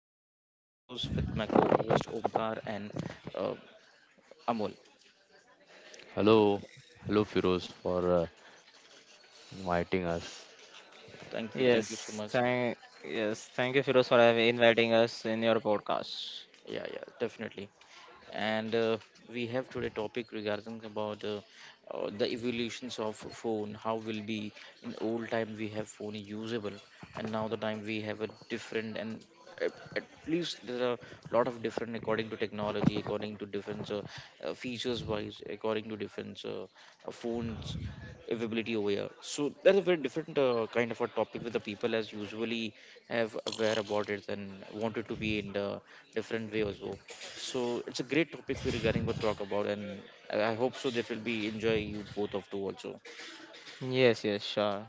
I am Feroz with my co-host Omkar and uh, Amol. Hello, hello Firoz for inviting us. Thank you so Yes, much. thank yes, thank you, Firoz, for having inviting us in your podcast. Yeah, yeah, definitely. And we have today topic regarding about the evolutions of phone. How will be in old time we have phone usable, and now the time we have a different and at least there are a lot of different according to technology, according to different features wise, according to different phones availability over here. So that's a very different kind of a topic with the people as usually have aware about it and wanted to be in the different way as well. So it's a great topic we're regarding to talk about, and I hope so that will be enjoy you both of two also. Yes, yes, sure.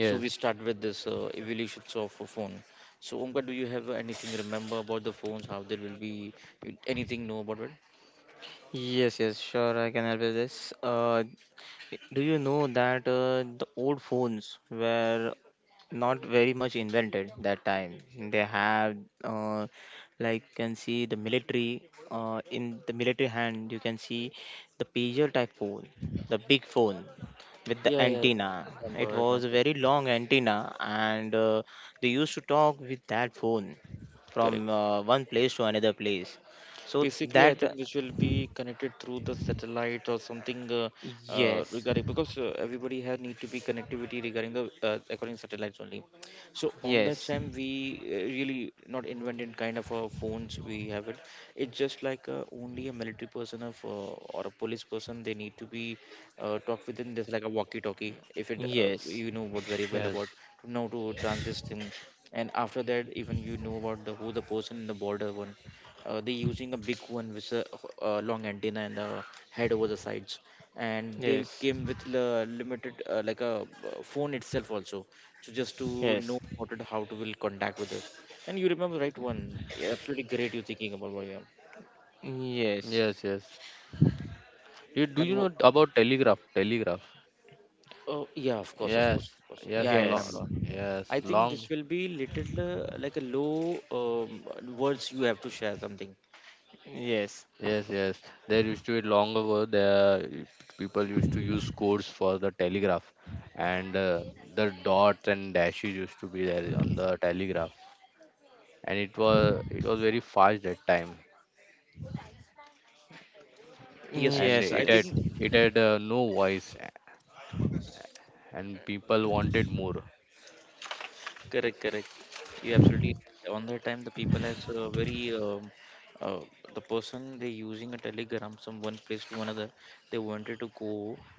So we Yes, start with this evolutions of a phone. So Omkar, do you have anything remember about the phones? How there will be anything know about it? Yes, yes, sure. I can help with this. Do you know that the old phones were not very much invented that time. They have uh, like can see the military in the military hand you can see the pager type phone, the big phone with the Yeah, yeah. antenna. It Remember, was a remember. very long antenna and they used to talk with that phone Correct. from one place to another place. So Basically, I think that which will be connected through the satellite or something yes, regarding because everybody has need to be connectivity regarding the according satellites only. So on that yes, time, we really not invented kind of phones. We have it. It's just like only a military person of or a police person. They need to be talk within this like a walkie-talkie. If it yes, you know what very well about yes, to know to transit thing. And after that, even you know about the who the person in the border one they using a big one with a long antenna and the head over the sides and they yes, came with the limited like a phone itself also so just to know yes, about it how to will contact with us and you remember right one, yeah, absolutely great you thinking about what, yeah, yes, yes, yes. Do and you wo- know about telegraph? Telegraph. oh yeah, of course, of course, of Yes, course, yeah, yes, I yes, remember. long, yes, I think this long. will be little like a low words you have to share something. yes. Yes, yes. There used to be long ago. The people used to use codes for the telegraph, and the dots and dashes used to be there on the telegraph, and it was very fast that time, Yes, yes, yes. and Yes, I it yes, think had it had uh, no voice, and people wanted more. correct, correct. You absolutely right. On that time the people has very uh, the person they using a telegram from one place to another. They wanted to go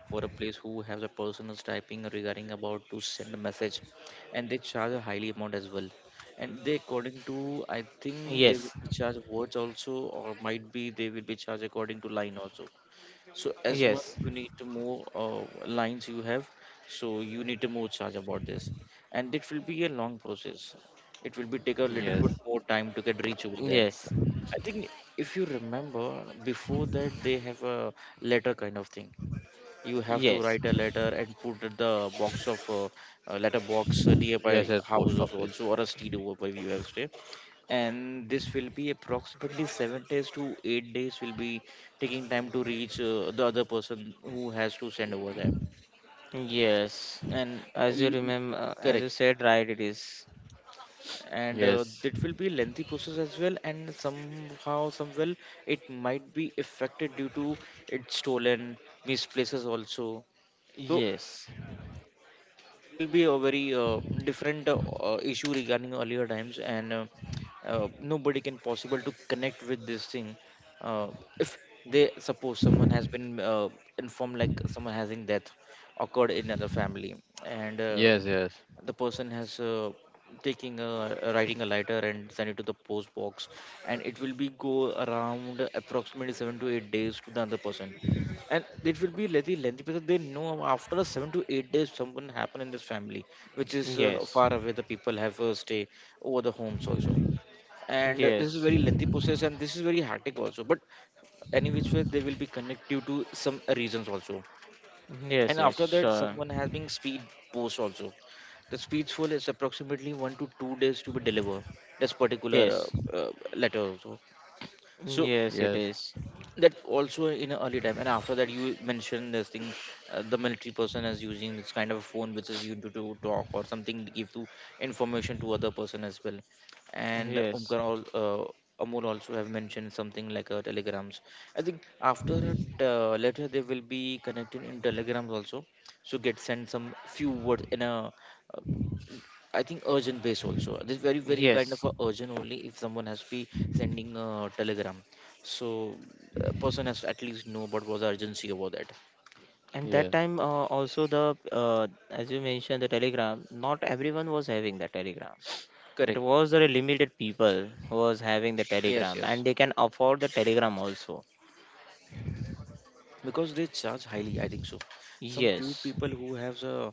for a place who has a person is typing regarding about to send a message, and they charge a highly amount as well. And they according to I yes, think they will be charged words also, or might be they will be charged according to line also. So as much yes, you need to more lines you have, so you need to more charge about this, and it will be a long process. It will be take a little bit Yes. more time to get reach over there. yes, I think if you remember before that they have a letter kind of thing you have to yes, write a letter and put at the box of letter box nearby Yes, yes, post houses office. also or a street over where you have stay and this will be approximately 7 days to 8 days will be taking time to reach the other person who has to send over there yes. and As you you, remember, as correct you said, right, it is. and Yes. it will be lengthy process as well and somehow somewhere it might be affected due to it's stolen misplaces also so Yes, this will be a very different issue regarding earlier times and nobody can possible to connect with this thing uh, if they suppose someone has been informed like someone having death occurred in another family and Yes, yes. the person has taking a writing a lighter and send it to the post box and it will be go around approximately 7 to 8 days to the other person and it will be lengthy because they know after the 7 to 8 days something happen in this family which is yes, far away the people have a stay over the homes also and this is yes, very lengthy process and this is very hectic also but any which way they will be connect due to some reasons also yes, and yes, after that sure. someone has been speed post also the speed full is approximately 1 to 2 days to be delivered this particular Yes, letter also so yes, it Yes. is. that also in a early time and after that you mentioned this thing the military person is using this kind of a phone which is used to talk or something to give to information to other person as well and Yes, umkar all amul also have mentioned something like telegrams I think after it later they will be connected in telegrams also so get sent some few words in a uh, I think urgent base also. This very very kind of yes. a urgent only if someone has be sending a telegram, so person has to at least know what was the urgency about that. And that Yeah. time, also the as you mentioned, the Telegram. Not everyone was having the Telegram. It Correct. was very limited people who was having the Yes, Telegram, and yes. they can afford the Telegram also. Because they charge highly I think so some few Yes, people who have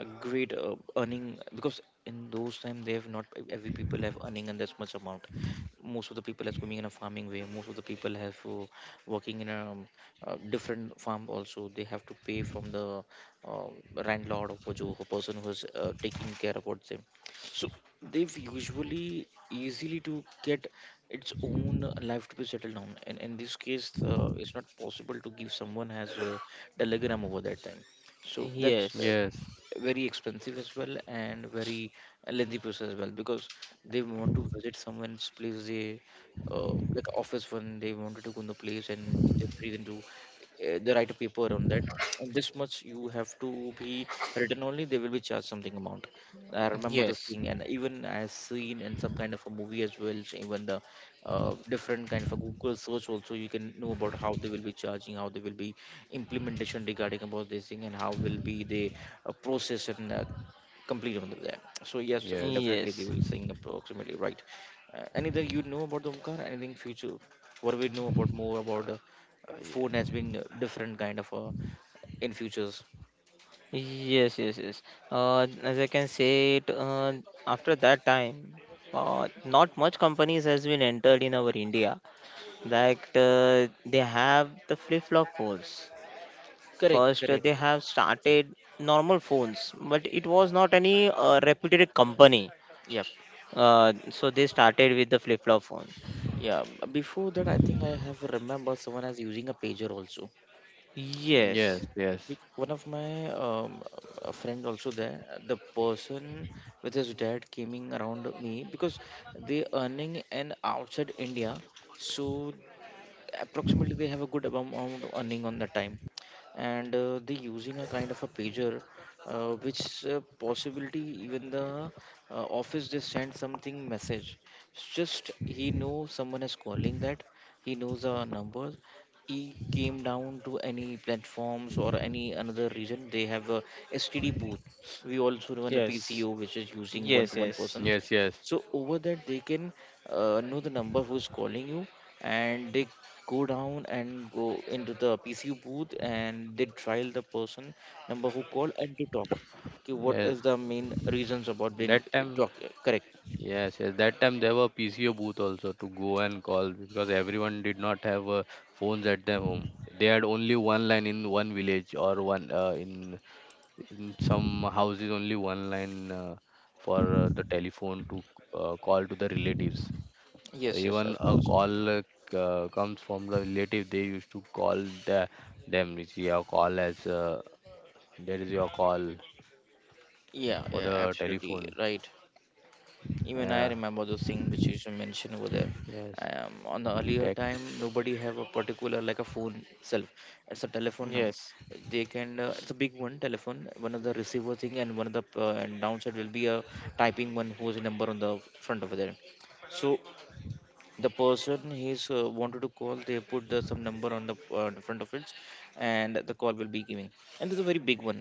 a great earning because in those time they have not every people have earning in this much amount most of the people is going in a farming way most of the people have working in a, different farm also they have to pay from the uh, landlord or jo person who is taking care about them so they've usually easily to get its own life to be settled down and in this case it's not possible to give someone as a telegram over that time so that's yes, Yes. very expensive as well and very lengthy process as well because they want to visit someone's place they like office when they wanted to go in the place and they breathe to they write a paper on that and this much you have to be written only they will be charged something amount. I remember this yes, thing and even I seen in some kind of a movie as well so even the different kind of a google search also you can know about how they will be charging, how they will be implementation regarding about this thing and how will be they process and complete on there. So yes, Yes. definitely they yes, will sing approximately right. Anything you know about the Omkar? Anything future? What do we know about more about phone has Yeah. been different kind of in futures. yes, yes, yes. As I can say it, after that time, not much companies has been entered in our India. Like they have the flip-flop phones. Correct, First, correct. they have started normal phones, but it was not any reputed company. Yep, So they started with the flip-flop phone. yeah. Before that, I think I have remember someone has using a pager also. Yes, Yes, yes. One of my a friend also there. The person with his dad came in around me because they earning an outside India so approximately they have a good amount of earning on the time and they using a kind of a pager which possibility even the office they send something message it's just he knows someone is calling that he knows the numbers he came down to any platforms or any another region they have a std booth we also run a yes, pco which is using one yes, to one yes, persons Yes, yes. so over that they can know the number who's calling you and they go down and go into the PCU booth and they trial the person number who called and to talk. Okay, what Yes. is the main reasons about being That time, talk? Correct. yes, yes. That time there were PCO booth also to go and call because everyone did not have phones at their home. They had only one line in one village, or one in some houses only one line, for the telephone to call to the relatives. So Yes, yes, even of a course. call comes from the relative. They used to call the, them. It's your call as There is your call Yeah, for yeah, the absolutely telephone. right. Even I Uh, remember those things which you should mention over there yes, on the earlier tech. time nobody have a particular like a phone itself it's a telephone number yes, they can it's a big one telephone one of the receiver thing and one of the and downside will be a typing one whose number on the front over there so the person he's wanted to call they put some number on the front of it and the call will be giving and this is a very big one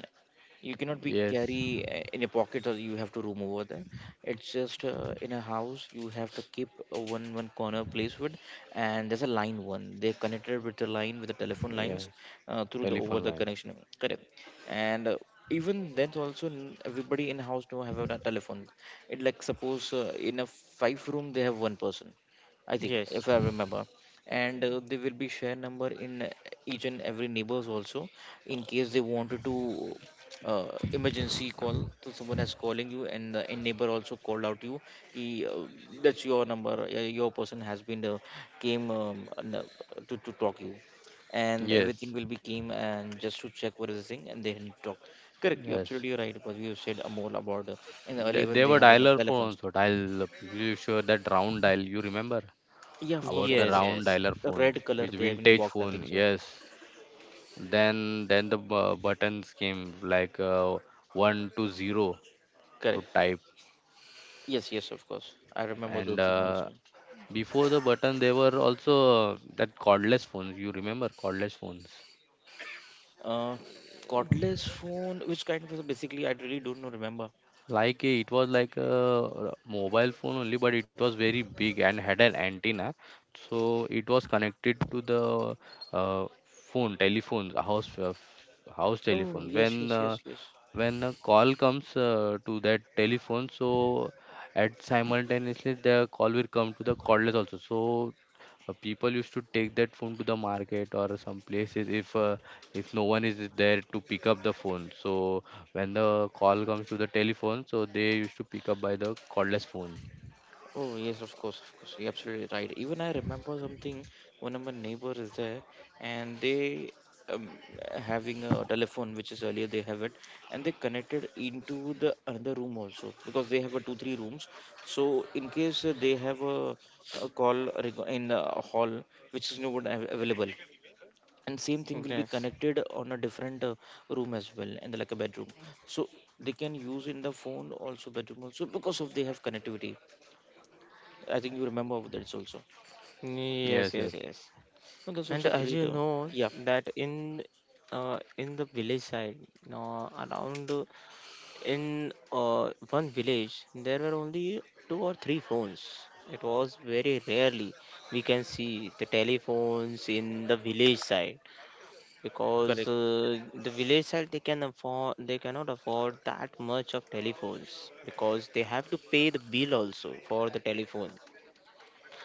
you cannot be Yes, carry in a pocket or you have to room over there it's just in a house you have to keep a one corner place with and there's a line one they're connected with the line with the telephone lines yes. Through the over Telephone the line. connection correct and even then also everybody in house now have a telephone it like suppose in a 5 room they have one person I think, yes. if I remember. And they will be share number in each and every neighbors also, in case they wanted to uh, emergency call. So someone has calling you, and the in neighbor also called out you. Ki, that's your number. Your person has been came, and, to talk you, and everything Yes, will be came and just to check what is the thing, and they need to talk. Correct. You're yes. absolutely right. Because you said more about in the They, early when they they were have a dialer telephone. phones. Or dial. You sure that round dial? You remember Yeah, of course, about of the Yes, course, of round yes. course. dialer The phones, red color which they have in vintage box, I phone? think so. Yes. Then the buttons came like one to zero to Correct. type, Yes, yes, of course. I remember and those thing also. before the button there were also, that cordless phones. You remember cordless phones? Uh, Cordless phone, which kind of basically I really don't know, remember. It was like a mobile phone only, but it was very big and had an antenna, so it was connected to the, uh, phone telephone house, house Oh, telephone yes, yes, yes, yes. when a call comes to that telephone, so at simultaneously the call will come to the cordless also, so people used to take that phone to the market or some places, if no one is there to pick up the phone. So when the call comes to the telephone, so they used to pick up by the cordless phone. Oh, yes, of course, of course. You're absolutely right. Even I remember something. One of my neighbor is there, and they, um, having a telephone, which is earlier they have it, and they connected into the another room also because they have a two, three rooms. So in case they have a call reg- in the hall, which is not av- available. And same thing will be Yes, connected on a different room as well, and like a bedroom. So they can use in the phone also bedroom also because of they have connectivity. I think you remember that's also. yes, Yes, yes, yes, yes. No, that's And also as great. you know Yeah, that in the village side, no, around in one village, there were only two or three phones. It was very rarely we can see the telephones in the village side because correct. The village side they cannot afford that much of telephones because they have to pay the bill also for the telephone.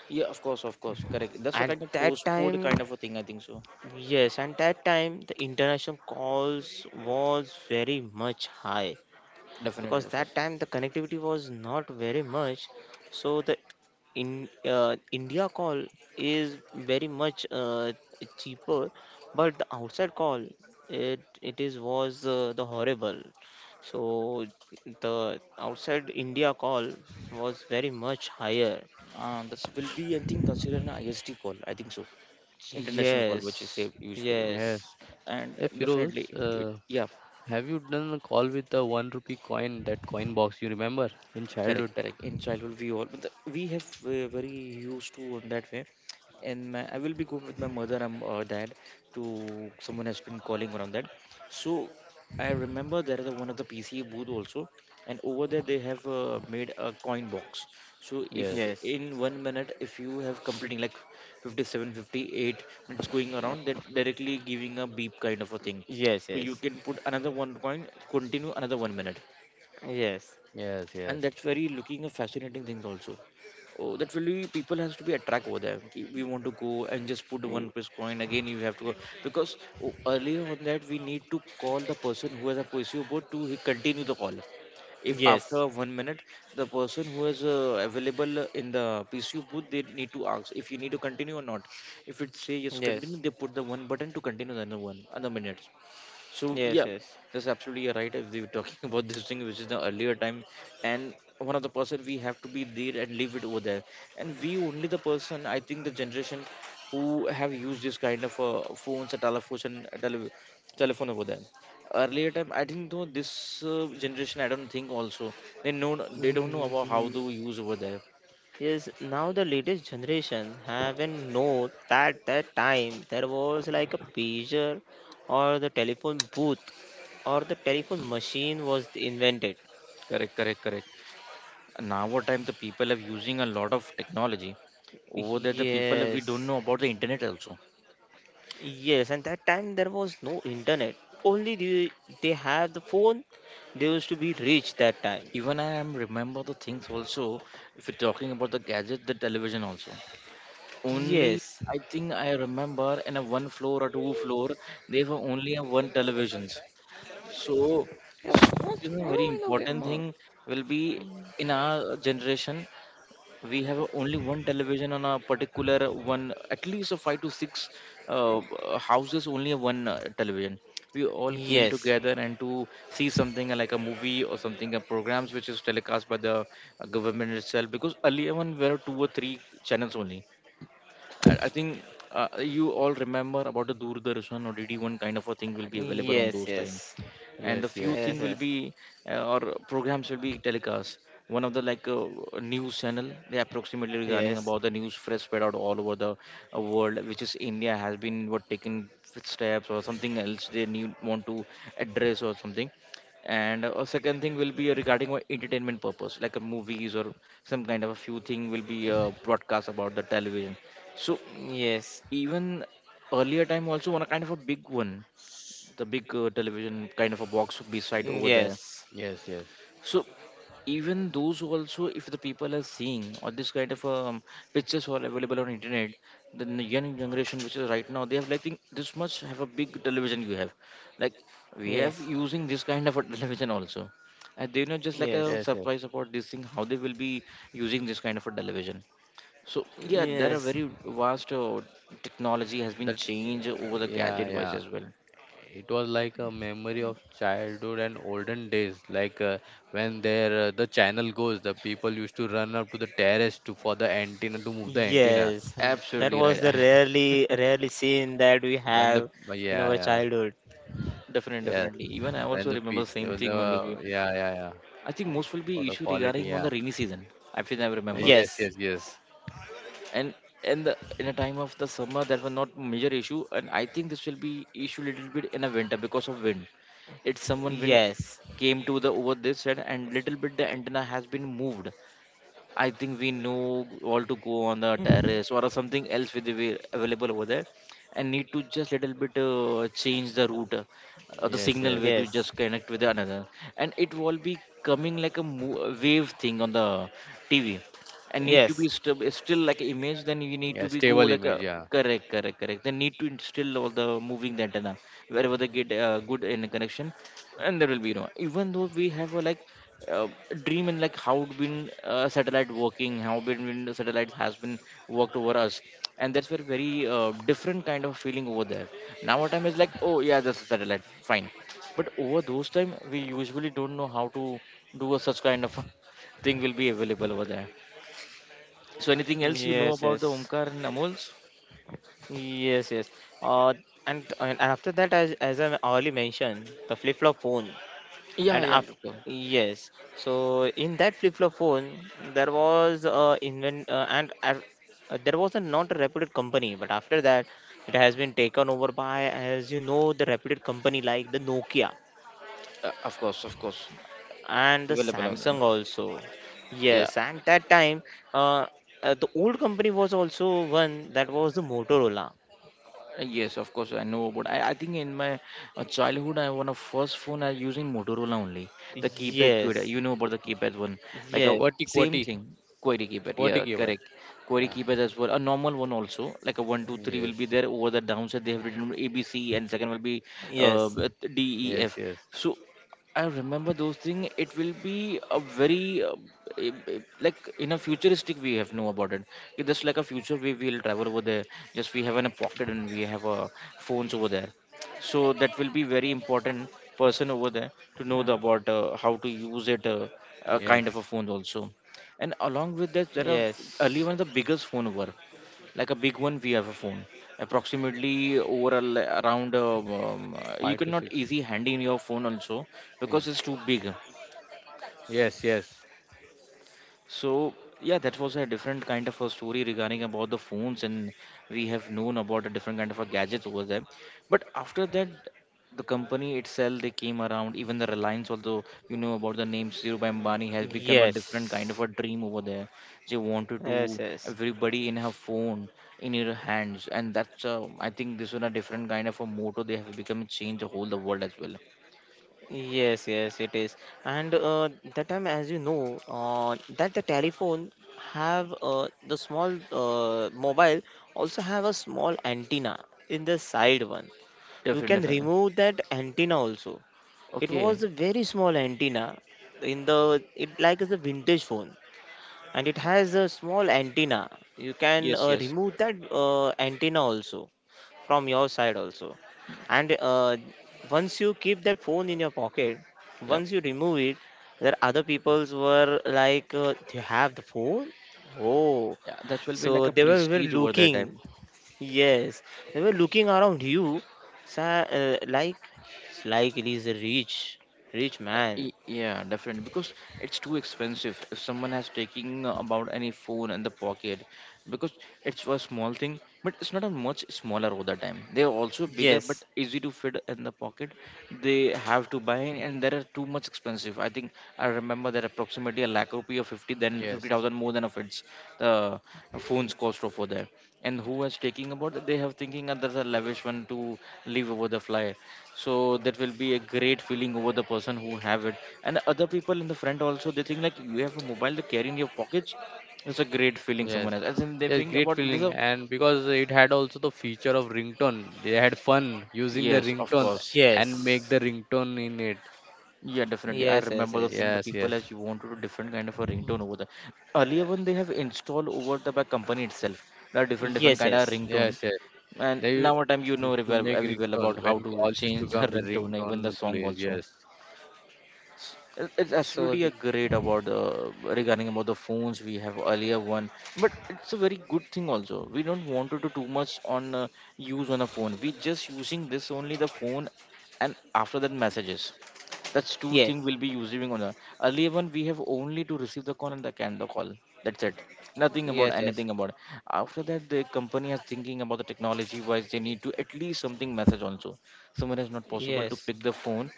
Yeah, of course, correct. That's a At kind of that postponed kind time of a thing. I think so. yes, and that time the international calls was very much high Definitely, because definitely. that time the connectivity was not very much. So the in India call is very much cheaper, but the outside call it it is was the horrible. So the outside India call was very much higher. This will be, I think, considered an IST call. I think so. International call, which is Yes, said usually, yes. yes, and Yeah, Firoz, definitely, yeah. have you done a call with the 1 rupee coin, that coin box, you remember, in Correct, childhood? correct. In childhood we all but the- we have very used to on that way, and my, I will be going with my mother and dad to someone has been calling around that. So I remember there is a, one of the PCA booth also, and over there they have made a coin box. So if Yes, yes, in one minute if you have completing like 57, 58, 58 minutes going around that directly giving a beep kind of a thing, yes, so you yes. can put another one coin, continue another one minute, Yes. yes, and yes, that's very looking a fascinating thing also. Oh, that really people has to be attract over there. Ki, we want to go and just put one Y- plus coin again, you have to go. Because oh, earlier on that we need to call the person who has a PSU board to he continue the call. If after yes, one minute the person who is available in the PCU booth, they need to ask if you need to continue or not. If it say yes continue, yes, they put the one button to continue the another one other minutes. So yeah, yes, yes. that's absolutely right. If we were talking about this thing, which is the earlier time, and one of the person we have to be there and leave it over there, and we only the person, I think the generation who have used this kind of phones, a telephone, telephone over there. Earlier time, I think though this generation, I don't think also they don't know about how Mm, to use over there. yes, now the latest generation haven't know that that time there was like a pager or the telephone booth or the telephone machine was invented. Correct, correct, correct. Now what time the people are using a lot of technology over there. The people we don't Yes, know about the internet also. yes, and that time there was no internet. Only they have the phone. They used to be rich that time. Even I am remember the things also. If you're talking about the gadget, the television also. Only Yes, I think I remember in a one floor or two floor, they were only a one televisions. So, yeah, so, what? this is a How do very I know they are important more? thing will be Um, in our generation. We have only one television on a particular one, at least a five to six houses only have one television. We all came yes, together and to see something like a movie or something a programs which is telecast by the government itself, because earlier one were two or three channels only. I think you all remember about the Doordarshan or DD1 kind of a thing will be available on yes, those time, yes, and the yes, few yes, thing will yes, be or programs will be telecast. One of the like news channel they approximately regarding yes, about the news fresh spread out all over the world, which is India has been what taking steps or something else they need want to address or something. And a second thing will be regarding our entertainment purpose like a movies or some kind of a few thing will be broadcast about the television. So yes, yes, even earlier time also on a kind of a big one, the big television kind of a box beside yes, over there. yes, yes, yes, So even those also, if the people are seeing or this kind of pictures are available on internet, the young generation which is right now, they have like think this much have a big television you have, like we have using this kind of a television also, and they know just like a yes, yes. surprise about this thing how they will be using this kind of a television. So yeah, there are yes, yes, very vast technology has been changed over the Yeah, gadget wise yeah. as well. It was like a memory of childhood and olden days, like when the channel goes, the people used to run up to the terrace, to for the antenna, to move the antenna. yes. That Absolutely was right. the rarely, rarely seen that we When the have Yeah, in our yeah, childhood. Definitely, yeah. definitely. Even I when also the remember pitch same when thing only. the Yeah, yeah, yeah, I think most will for be the issue quality. regarding on Yeah, the rainy season. I feel I remember. yes, Yes, yes, yes, And in a time of the summer that was not major issue, and I think this will be issue little bit in a winter because of wind. It's someone wind yes, came to the over this side and little bit the antenna has been moved. I think we know all to go on the terrace or something else with the way available over there, and need to just little bit change the route, or the yes, signal yes. way to yes, just connect with another, and it will be coming like a wave thing on the TV, and need to yes, be yes, still like an image. Then you need Yeah, to be go stable like a, image, yeah. correct, correct, correct. Then need to instill all the moving the antenna wherever they get good in connection, and there will be no. Even though we have a like uh, dream in like how been satellite working, how been satellites has been worked over us, and that's very very different kind of feeling over there. Now our time is like oh yeah, that's a satellite, fine. But over those time we usually don't know how to do a such kind of thing will be available over there. So anything else you know about the yes, Omkar and Amuls? yes, yes. Uh, and after that, as I already mentioned, the flip flop phone. Yeah, And yeah, after of course, yes, so in that flip-flop phone there was there was a not a reputed company but after that it has been taken over by as you know the reputed company like the Nokia of course, of course. and the Available on there. Samsung also. Yeah. Yes, and that time uh, the old company was also one, that was the Motorola. Yes, of course I know, but I think in my childhood I one of first phone I using Motorola only, the keypad query. Yes, You know about the keypad one, like a yes, Quality, same quality. thing query keypad. QWERTY Yeah, keyboard. correct. Query Yeah, keypad as well. A normal one also, like a 1 2 3 will yes, be there over the downside they have written ABC and second will be uh, yes. D E yes, F. yes, So I remember those things. It will be a very like in a futuristic we have know about it. It just like a future we will travel over there. Just we have in a pocket and we have phones over there. So that will be very important person over there to know Uh, about how to use it, a kind of yes. a phone also. And along with that, there yes, are early one the biggest phone over, like a big one we have a phone approximately over a around Five to you six cannot easy handy in your phone also inch. because it's too big. Yes, yes, So yeah, that was a different kind of a story regarding about the phones, and we have known about a different kind of a gadgets over there. But after that, the company itself they came around. Even the Reliance, although you know about the name Dhirubhai Ambani, has become a different kind of yes, a dream over there. They wanted yes, to yes. everybody in her phone, in her hands, and that's I think this is a different kind of a motto they have become change the whole the world as well. Yes, yes, it is. And that time, as you know, that the telephone have the small mobile also have a small antenna in the side one. You Different, can different. remove that antenna also. It was Okay. a very small antenna in the it like is a vintage phone and it has a small antenna. You can Yes, yes. remove that antenna also from your side also. And once you keep that phone in your pocket, Yeah. once you remove it, there other people's were like, "Do you have the phone?" Oh, Yeah, that will be so like a they were prestige over that time. looking. Yes, they were looking around you, sa like it is a rich, rich man. Y- Yeah, definitely because it's too expensive. If someone has taking about any phone in the pocket, because it's a small thing, but it's not a much smaller over the time. They are also bigger but Yes, easy to fit in the pocket. They have to buy and there are too much expensive. I think I remember that approximately a lakh rupee or 50 then fifty yes. thousand more than of its the phones cost over there. And who has taking about that they have thinking that there's a lavish one to leave over the fly, so that will be a great feeling over the person who have it, and other people in the front also they think like you have a mobile to carry in your pockets. It's a great feeling Yes, someone else as in they yes, think great about this feeling, a and because it had also the feature of ringtone, they had fun using the yes of ringtones course. and make yes, the ringtone in it. Yeah, definitely, I yes, yes, remember yes. seeing the Yes, yes, people as you want to do different kind of a ringtone over there. Earlier when they have installed over the by company itself, there are different Yes, kind of yes. ringtone. yes, yes. And They now u- a time you know used very to well- make very well ringtone about how when to call used to change the come, the ringtone, ringtone even the song plays. also. Yes, It's So, absolutely a great about the regarding about the phones we have earlier one, but it's a very good thing also. We don't want to do too much on use on a phone. We just using this only the phone, and after that messages. That's two yeah, thing we'll be using on the earlier one. We have only to receive the call and the can the call. That's it. Nothing yes, about yes, anything about. It. After that, the company is thinking about the technology wise. They need to at least something message also. Someone is not possible to yes, pick the phone.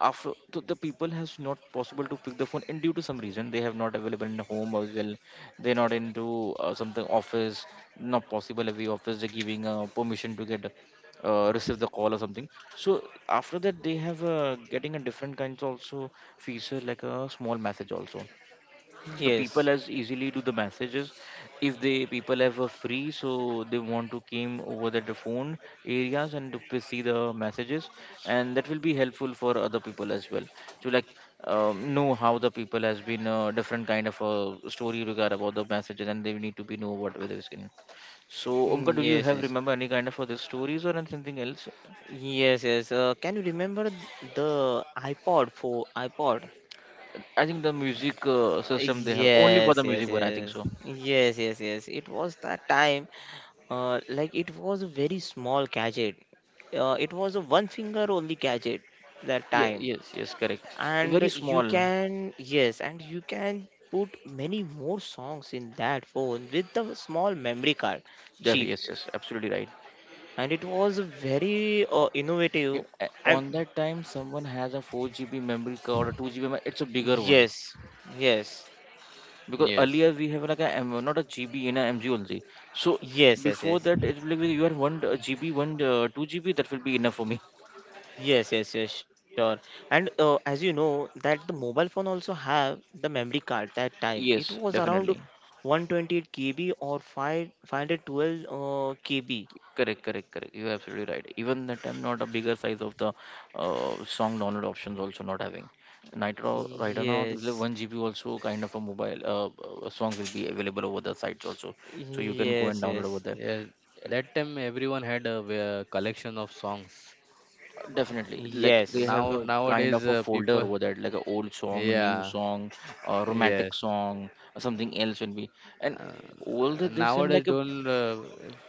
After so the people has not possible to pick the phone, and due to some reason they have not available in home as well. They're not into something office. Not possible every office they're giving permission to get receive the call or something, so after that, they have getting a different kinds also feature like a small message also. So people yes, as easily do the messages. If they people have a free, so they want to came over the phone areas and to see the messages, and that will be helpful for other people as well to like know how the people has been different kind of a story regard about the messages, and they need to be know what whether it's in. So Omka, mm, do you yes, have yes, remember any kind of other stories or anything else? yes, yes. Can you remember the iPod? For iPod? I think the music system they have only for Yes, the yes, music one, I think yes, so. yes, yes, yes. It was that time. Like it was a very small gadget. It was a one finger only gadget that Yes, time. yes, yes, correct. And Very you small. can yes and you can put many more songs in that phone with the small memory card, Yeah, cheap, yes, yes, absolutely right. and it was very innovative. And On that time, someone has a 4 GB memory card or 2 GB. It's a bigger one, yes, yes, because yes, earlier we have like a M, not a GB in a MG only. So yes, yes, before yes, that, it will be you are one GB, one 2 GB. That will be enough for me. yes, yes, yes, sure. And as you know that the mobile phone also have the memory card. That time it Yes, was around definitely. 128 kb or 5 512 kb. Correct, correct, correct. You're absolutely right. Even that time, not a bigger size of the song download options also not having. Nitro right now, there's like Yes, one GB also kind of a mobile song will be available over the sites also, so you can go and yes, download over yes, there. yes. And That time everyone had a, collection of songs. Definitely, like they yes, have a kind Nowadays, of a folder people, over there, like a old song, new yeah, song, romantic yes. song, something else will be. And all the this time, nowadays like a, don't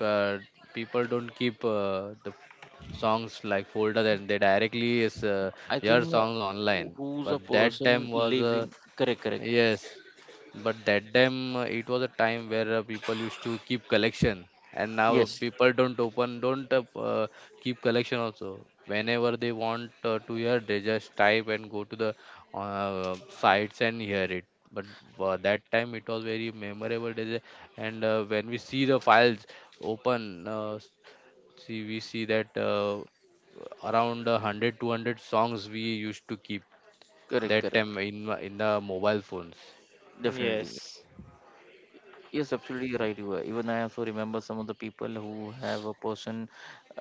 uh, People don't keep, the songs like folder, and they directly is, I your think songs online, who's but a that time person was living. Correct, correct. Yes, but that time it was a time where people used to keep collection, and now Yes, people don't open, don't keep collection also. Whenever they want, to hear, they just type and go to the, sites and hear it. But that time it was very memorable days, and when we see the files open, see we see that around 100 200 songs we used to keep correct, that correct. time in the mobile phones. Definitely. yes, Yes, absolutely right. You are. Even I also remember some of the people who have a person,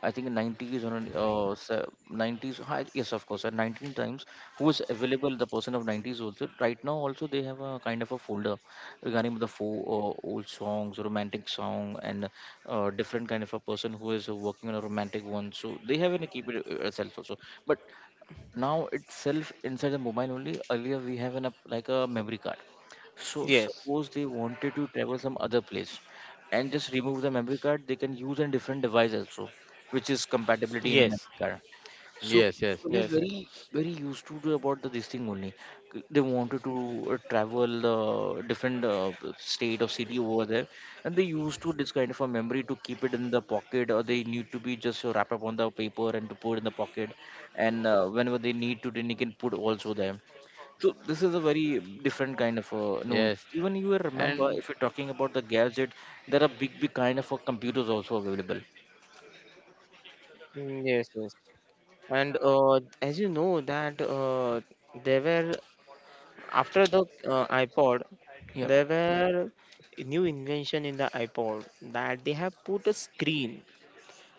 I think in 90's or 90s. Hi, yes, of course, at 19 times who is available. The person of 90s also. Right now, also they have a kind of a folder regarding the four old songs, romantic song, and different kind of a person who is working on a romantic one. So they have in a keep it itself also. But now itself inside the mobile only earlier we have an app like a memory card, so yes, suppose they wanted to travel some other place and just remove the memory card, they can use a different device also which is compatibility yes, in memory card. Yes, So yes, yes, people is very very used to the- about the this thing only. They wanted to travel the different state or city over there, and they used to this kind of a memory to keep it in the pocket, or they need to be just wrap up on the paper and to put in the pocket, and whenever they need to, then they can put also there. So this is a very different kind of known. yes. Even you will remember And if you're talking about the gadget, there are big kind of computers also available. mm, yes, yes. And as you know that there were after the iPod, Yeah, there were new invention in the iPod that they have put a screen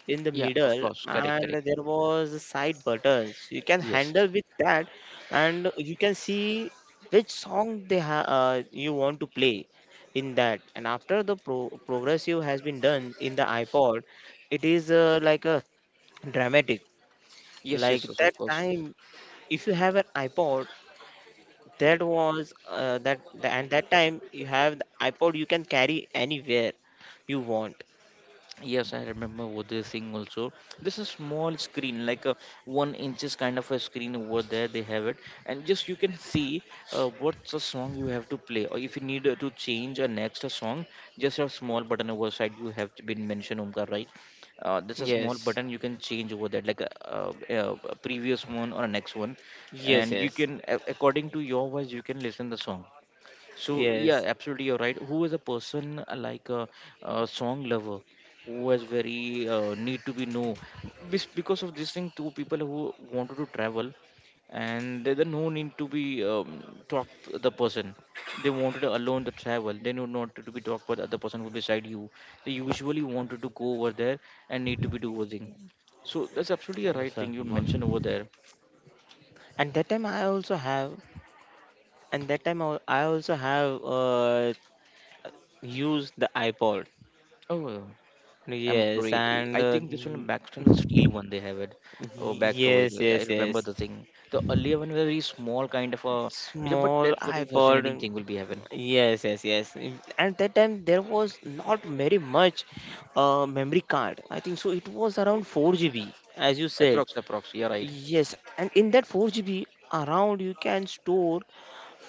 in the yeah, of middle course, correct, and correct. there was a side buttons you can Yes. handle with that and you can see which song you want to play in that, and after the progressive has been done in the iPod it is like a dramatic. Yes, Like yes, yes, of that course. time if you have an iPod, that was and that time you have the iPod you can carry anywhere you want. Yes, I remember what they're saying also. This is small screen, like a 1 inches kind of a screen over there. They have it, and just you can see what's a song you have to play, or if you need to change a next a song, just a small button over side. You have been mentioned, Omkar, right? There's a small Yes, button you can change over that, like a previous one or a next one, yes, and you yes, can according to your voice you can listen the song. So yeah, yes. absolutely, you're right. Who is a person like a song lover who has very need to be know. Because of this thing, two people who wanted to travel, and there no need to be talk to the person. They wanted alone to travel. They know not to be talked by the other person who beside you. They usually wanted to go over there and need to be do doing. So that's absolutely a hello, right sir. thing you Good morning. mentioned over there. And that time I also have, and that time al- I also have used the iPod. Oh, I'm Yes great. I and I think this one back time is steel one they have it. Oh, back cover. yes, I yes, remember yes, the thing. The earlier one was very small kind of a feature, but small that's what a iPod. fascinating thing will be having. Yes, yes, yes. Mm, and that time there was not very much memory card, I think so. It was around 4 GB as you said. Approx, approx. Yeah, right. Yes, and in that 4 GB around you can store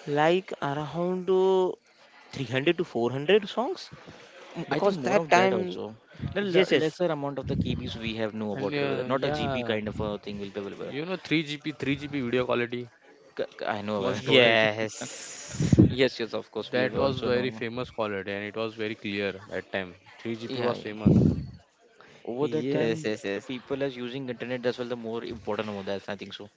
like around 300 to 400 songs Mm, I think because more that of that time also. The yes, yes. lesser amount of the KBs we have know And about it. Whether not a GB yeah, kind of a thing will be available. you know, 3GP video quality I know. for Available. storage. Yes, yes. Of course, we have That was also very known. famous quality, and it was very clear at time. 3GP Yeah, was yeah. famous. Over that Yes. Yes, time, yes, yes. people as using internet as well. The more important over that, I think so.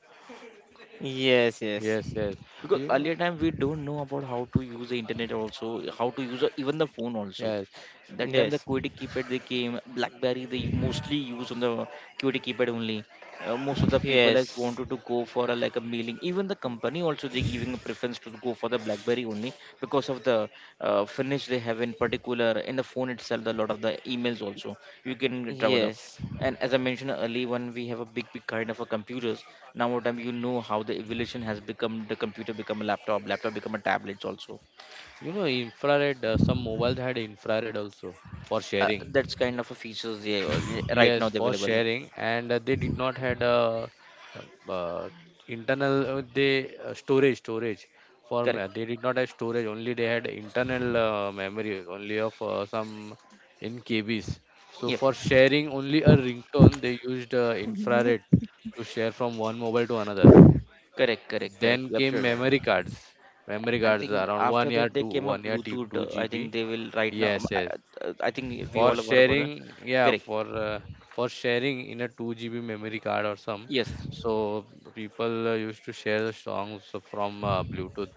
Yes, yes. Yes, yes. Because You know, earlier time we don't know about how to use the internet also, how to use even the phone also. yes. That time the Yes. QWERTY keypad they came blackberry they mostly use on the QWERTY keypad only. Most of the people has Yes. wanted to go for a, like a mailing, even the company also they giving a preference to go for the blackberry only because of the finish they have in particular in the phone itself. A lot of the emails also you can travel. Yes. And as I mentioned earlier, when we have a big kind of a computers, now what time you know how the evolution has become the computer become a laptop, laptop become a tablets also. You know, infrared. Some mobiles had infrared also for sharing. That's kind of a features they right Yes, now they're for available. sharing, and they did not had a, uh, uh, internal, they storage, Correct. they did not have storage only, they had internal, memory only of, some, in KBs. So Yep. for sharing only a ringtone they used, infrared to share from one mobile to another. Correct, correct, correct. Then You're came absolutely memory right. cards. Memory I cards think around after one that year they two came a one year bluetooth two I think GB. they will right now um, Yes, I, yes, I I think we for all have heard about sharing, that. yeah, Correct. For sharing in a 2 GB memory card or some, Yes, so people, used to share the songs from, Bluetooth.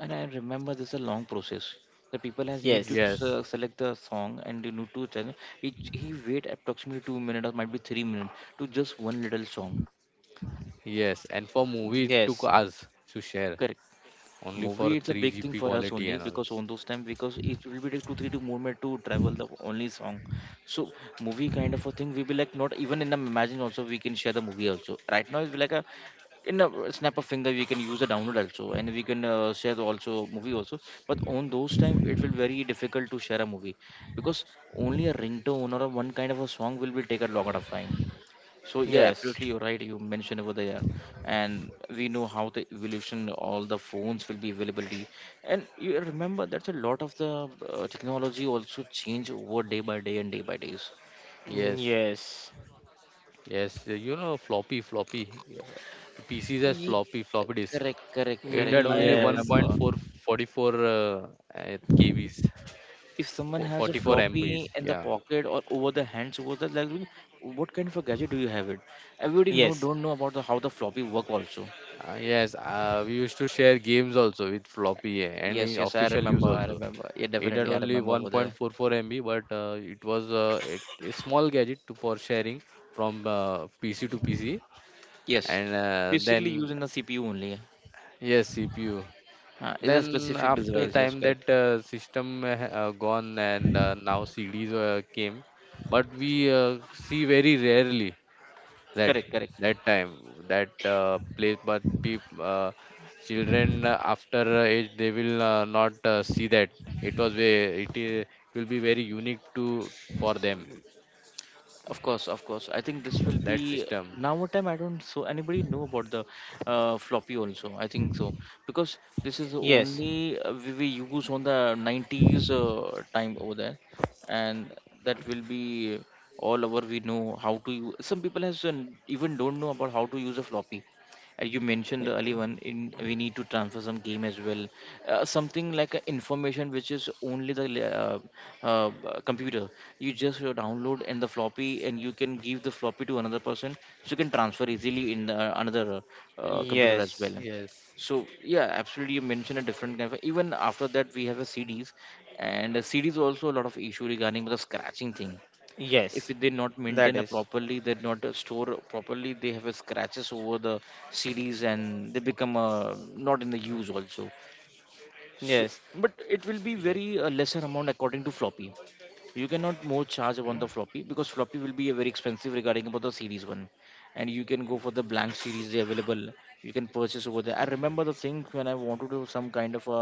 and I remember this is a long process. The people has need to Yes. Yes. Yes, select the song and they need to channel. It, he wait approximately 2 minutes or might be 3 minutes to just one little song. yes, and for movie it took hours to share, Correct. only for Movie it's a 3 big GB thing for quality us and only all. because on those time, because it will be take two three to movement to travel the only song. So movie kind of a thing we be like not even in the imagine also we can share the movie also. Right now it's like a in a snap of finger we can use a download also and we can share the also movie also, but on those time it will very difficult to share a movie, because only a ringtone or a one kind of a song will be take a lot of time. So yeah, Yes. absolutely, Yes. you're right, you mentioned over there. And we know how the evolution all the phones will be availability, and you remember that's a lot of the technology also change over day by day and day by days. Yes, Yes. yes, you know, floppy. Yeah. PCs has Ye- floppy disk. Correct, correct, It correct, had I only Yes. remember. 1.444, KBs, If someone has a 44 MBs, floppy in the yeah. pocket or over the hands over the like, what kind of a gadget do you have it? Everybody know don't know about the how the floppy work also. Yes, we used to share games also with floppy, and Yes, in yes, I official use remember, I also. remember. Yeah, It had definitely, I only remember over there. 1.44 MB, but it was, a small gadget for sharing from, PC to PC, Yes, and basically then, using the cpu only, yes, CPU. Is a Then specific after device, yes, time that, correct. System, gone, and now CDs, came, but we, see very rarely that Correct, correct. Time, that, place, children, after, age, they will, not, see that, it was ve it, I- it will be very unique to, for them, Of course, of course. I think this will be that system. now a time I don't so anybody know about the floppy also. I think so, because this is the only we use on the 90s time over there, and that will be all over. We know how to use. Some people has even don't know about how to use a floppy. You mentioned the early one in we need to transfer some game as well, something like a information which is only the uh, computer. You just download in the floppy and you can give the floppy to another person, so you can transfer easily in the, another computer as Yes. Yes. well. Yes, So yeah, absolutely, you mentioned a different kind of even after that we have a cds, and cds also a lot of issue regarding the scratching thing. If Yes. they not That maintain a is. properly, they not store properly, they have a scratches over the cds and they become not in the use also. So Yes. but it will be yes, very lesser amount according to floppy. You cannot more charge upon the floppy, because floppy will be a very expensive regarding about the series one, and you can go for the blank series they available. You can purchase over there. I remember the thing when I want to do some kind of a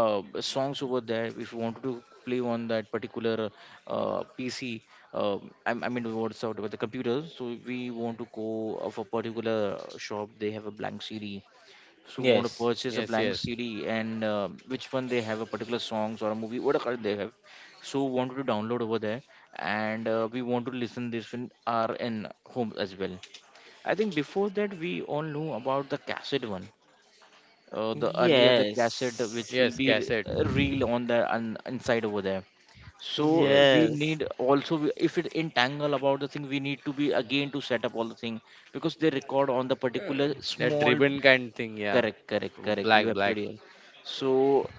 songs over there, if you wanted to play on that particular pc. Uh, I, I mean what's out about the computer, so we want to go of a particular shop, they have a blank cd. So want to Yes. purchase a yes, blank yes, CD and which one they have a particular songs or a movie, whatever they have. So wanted to download over there, and we want to listen this in our in home as well. I think before that we all knew about the cassette one. The earlier the cassette Yes. which will yes. be Cassette. Reel on the on, inside over there. So Yes, we yes, Yes. need also if it entangle about the thing, we need to be again to set up all the thing, because they record on the Uh, particular that small. ribbon kind thing, yeah. Correct, correct, correct. black You black absolutely right. So,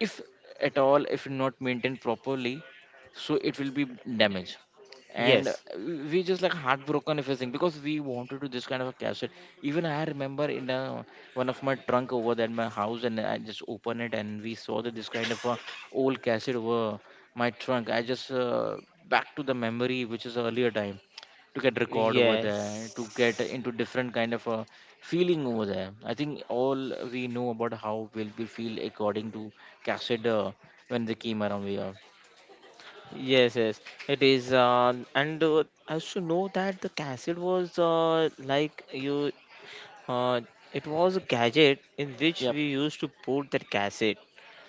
if at all, if not maintained properly, so it will be damaged. And yes. we just like heartbroken if I think, because we wanted to this kind of a cassette. Even I remember in a, one of my trunk over at my house, and I just opened it and we saw that this kind of a old cassette over my trunk. I just back to the memory, which is earlier time to get record over there to get Yes. into different kind of feeling over there. I think all we know about how will we feel according to Cassid when they came around. We are. Yes, yes, it is. And I should know that the cassette was like you, uh, it was a gadget in which Yep. we used to put that cassette.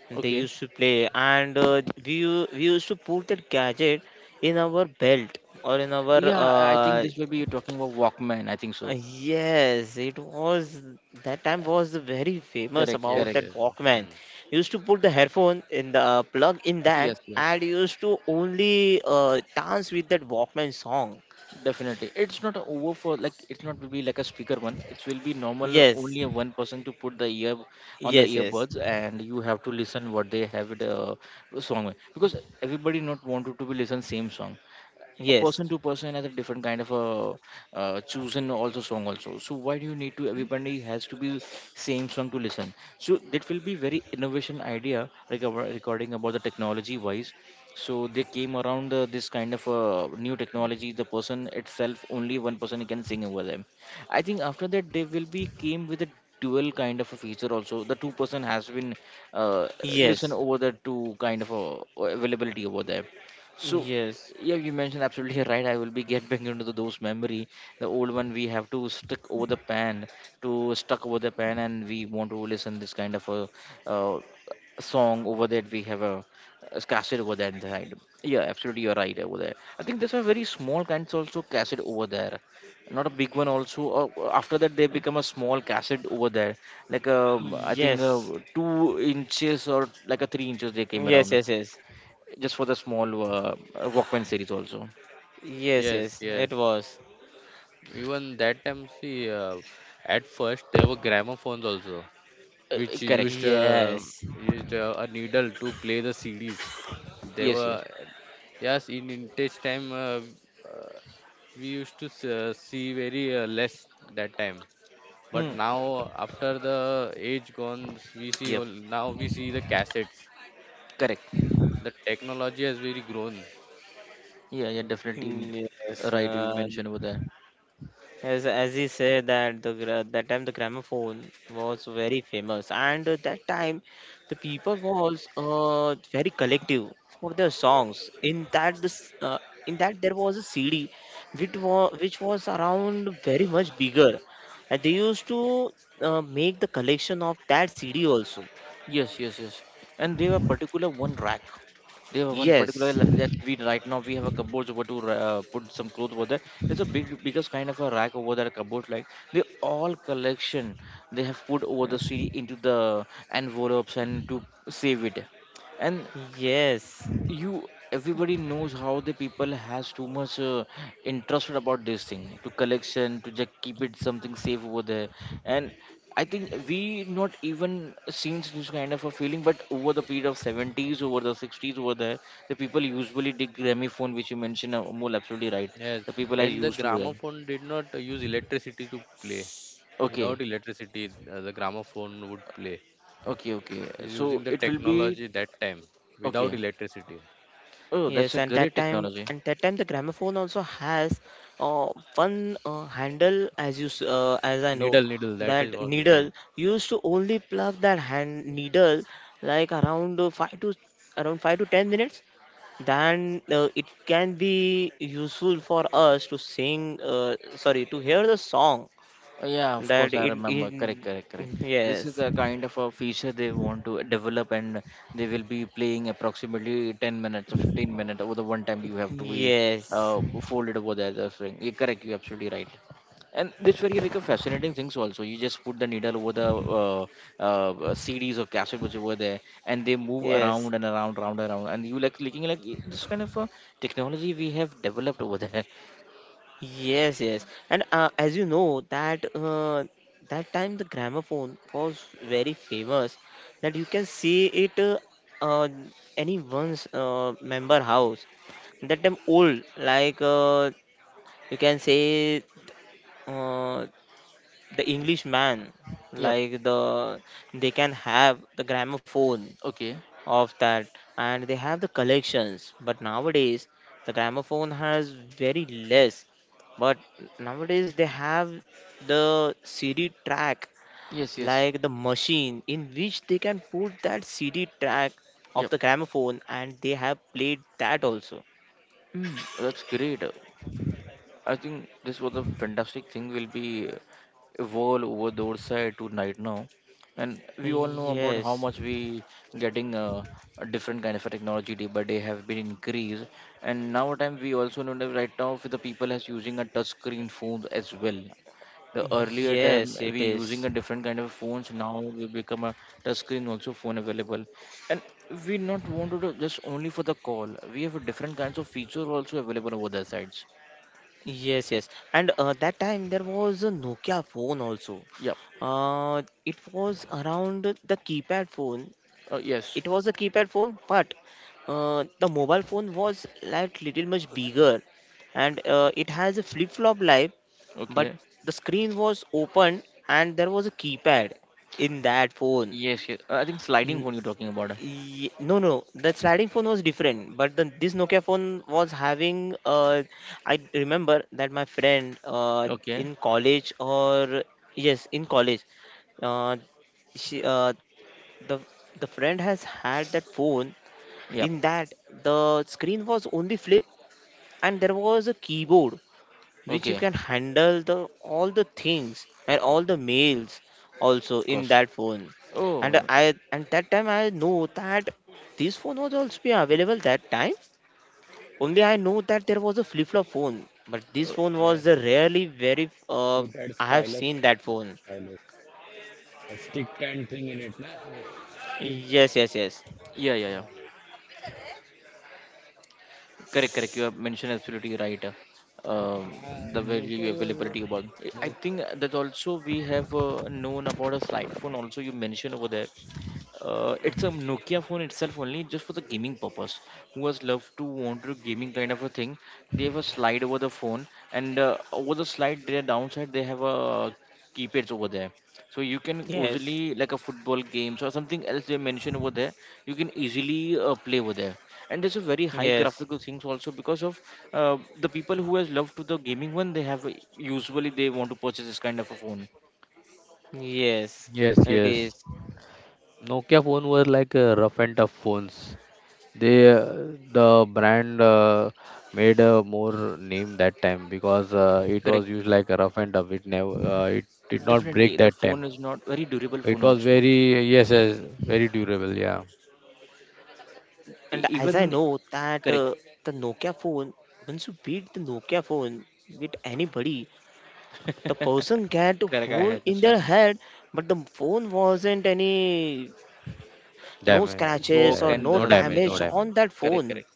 And they Okay. used to play, and we used to put that gadget in our belt or in our Yeah, I think this will be you're talking about Walkman. I think so. yes, it was. That time was very famous Correct. about Yes, Correct. that yes, Walkman. Walkman. Used to put the headphone in the plug in that Yes. Yes. and used to only dance with that Walkman song. Definitely. It's not over for like it's not will be like a speaker one. It will be normal Yes, only a one person to put the ear on the yes, yes, earbuds and you have to listen what they have it song with, because everybody not wanted to be listen same song. A yes, person to person has a different kind of a chosen also song also, so why do you need to everybody has to be same song to listen. So that will be very innovation idea like our recording about the technology wise. So they came around this kind of new technology, the person itself only one person can sing over them. I think after that they will be came with a dual kind of a feature also, the two-person has been uh, listen yes, over the two kind of availability over there. So yes, yeah, you mentioned absolutely right. I will be get back into the, those memory. The old one we have to stick over the pan, to stuck over the pan and we want to listen this kind of a uh, song over that we have a cassette over that side. Yeah, absolutely, you're right over there. I think there's a very small kinds also cassette over there, not a big one also. After that they become a small cassette over there, like I think yes, 2 inches or like a 3 inches they came yes, around, yes, yes, just for the small Walkman series also. yes, Yes, yes, yes. it was. Even that time, see, at first there were gramophones also, which Correct. Yes, used, a needle to play the CDs. They Yes, were, yes. yes, in vintage time, uh, we used to, see very, less that time. But Hmm. now after the age gone, we see Yep. all, now we see the cassettes. Correct. The technology has very grown. Yeah, yeah, definitely. Yes, Right. You mentioned over there. as he said that that time the gramophone was very famous, and at that time the people was very collective for their songs. In that this in that there was a CD, which was around very much bigger, and they used to make the collection of that CD also. Yes, yes, yes. And they were particular one rack. They have one particular Yes, like that, we right now we have a cupboard over to put some clothes over there. There's a big biggest kind of a rack over there cupboard like, they all collection they have put over the CD into the envelopes and to save it. And yes. you everybody knows how the people has too much interest about this thing to collection, to just keep it something safe over there. And I think we not even seen this kind of a feeling, but over the period of 70s over the 60s over there, the people usually did gramophone which you mentioned more absolutely right. Yes, The people are and the used to them. gramophone did not use electricity to play. Okay, Without electricity, the gramophone would play. okay, okay, so Using the it will be technology that time without okay. electricity. Oh, that's Yes, a and great technology. and that time, the gramophone also has uh, one handle, as you, as I know, Needle, needle, that is that what needle. needle, used to only plug that hand needle like around five to around 5 to 10 minutes. Then it can be useful for us to sing, sorry, to hear the song. Yeah, of course, That I remember. Correct, it correct, correct. This is yes, a kind of a feature they want to develop, and they will be playing approximately 10 minutes or 15 minutes over the one time you have to be yes, folded over there, the other string. Yeah, correct, you're absolutely right. And this very like a fascinating things also. You just put the needle over the uh, CDs or cassette which over there, and they move yes. around and around, round and around, and you like looking like this kind of a technology we have developed over there. Yes, yes. And as you know that that time the gramophone was very famous, that you can see it uh, anyone's member house. That time old like you can say uh, the English man, Yep. like the, they can have the gramophone Okay. of that, and they have the collections, but nowadays the gramophone has very less. But nowadays they have the CD track, Yes. Yes. like the machine in which they can put that CD track of Yep. the gramophone and they have played that also. Mm, that's great. I think this was a fantastic thing, will be evolve over the other side to night now, and we all know about how Yes, much we getting a different kind of a technology day by day have been increased. And now time we also know that right now for the people as using a touch screen phone as well. The earlier time yes, it we using is. a different kind of phones. Now we become a touchscreen also phone available, and we not want to do just only for the call. We have a different kinds of feature also available over their sides. Yes, yes, and that time there was a Nokia phone also. Yeah. It was around the keypad phone. Yes. It was a keypad phone, but the mobile phone was like little much bigger, and it has a flip flop life, but Okay. the screen was open and there was a keypad in that phone. Yes. Yes. I think sliding N- phone you're talking about. No, no, the sliding phone was different, but this Nokia phone was having I remember that my friend Okay. in college or yes, in college, uh, she the the friend has had that phone. Yep. In that, the screen was only flip, and there was a keyboard which you Okay. Of can handle the all the things and all the mails also in course. that phone. And Oh. I and that time I know that this phone was also be available that time. Only I know that there was a flip flop phone, but this phone was the Yes, rarely very it had I have stylus, seen that phone. stylus, a stick kind thing in it, na? Stick. Yes, yes, yes, Yeah. Yeah. Yeah. Correct, correct. You have mentioned absolutely right. Um, Yeah, the value Nokia used. availability about. I Nokia. think that also we have known about a slide phone. Also, you mentioned over there it's a Nokia phone itself only, just for the gaming purpose. Who has loved to want to gaming kind of a thing? They have a slide over the phone, and over the slide, their downside they have a keypads over there. So you can yes, easily like a football games or something else they mention over there. You can easily play over there, and there's a very high yes, graphical things also because of the people who has loved to the gaming one. They have usually they want to purchase this kind of a phone. yes. Yes, It yes. is. Nokia phone were like, rough and tough phones. The brand, made a more name that time, because it was Correct. used like a rough and tough. It never, it did not break Definitely, the that time. phone is not very durable It phone was also. very, yes, yes, very durable. Yeah, And as Even I know that correct, the Nokia phone, once you beat the Nokia phone with anybody, the person get correct. I hole in their understand. head, but the phone wasn't any no damage. scratches Yeah, Broke or yeah. and the no No nothing. damage, no damage Yeah. damage. on that Correct, phone. correct.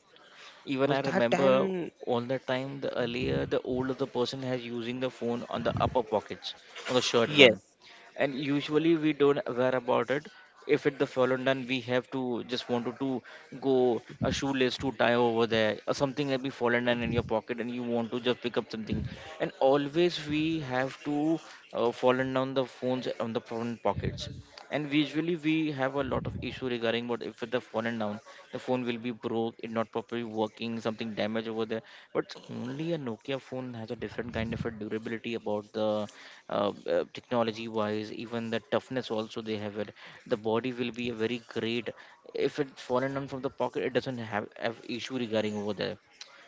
Even Was I that remember time? all the time the earlier the older the person has using the phone on the upper pockets on the shirt Yes, one, and usually we don't aware about it. If it the fallen down we have to just wanted to go a shoelace to tie over there or something that be fallen down in your pocket and you want to just pick up something, and always we have to fallen down the phones on the phone pockets, and visually we have a lot of issue regarding what if it the fallen down, the phone will be broke, it not properly working, something damage over there. But only a Nokia phone has a different kind of a durability about the technology wise, even the toughness also they have it. The body will be a very great. If it's fallen down from the pocket, it doesn't have issue regarding over there,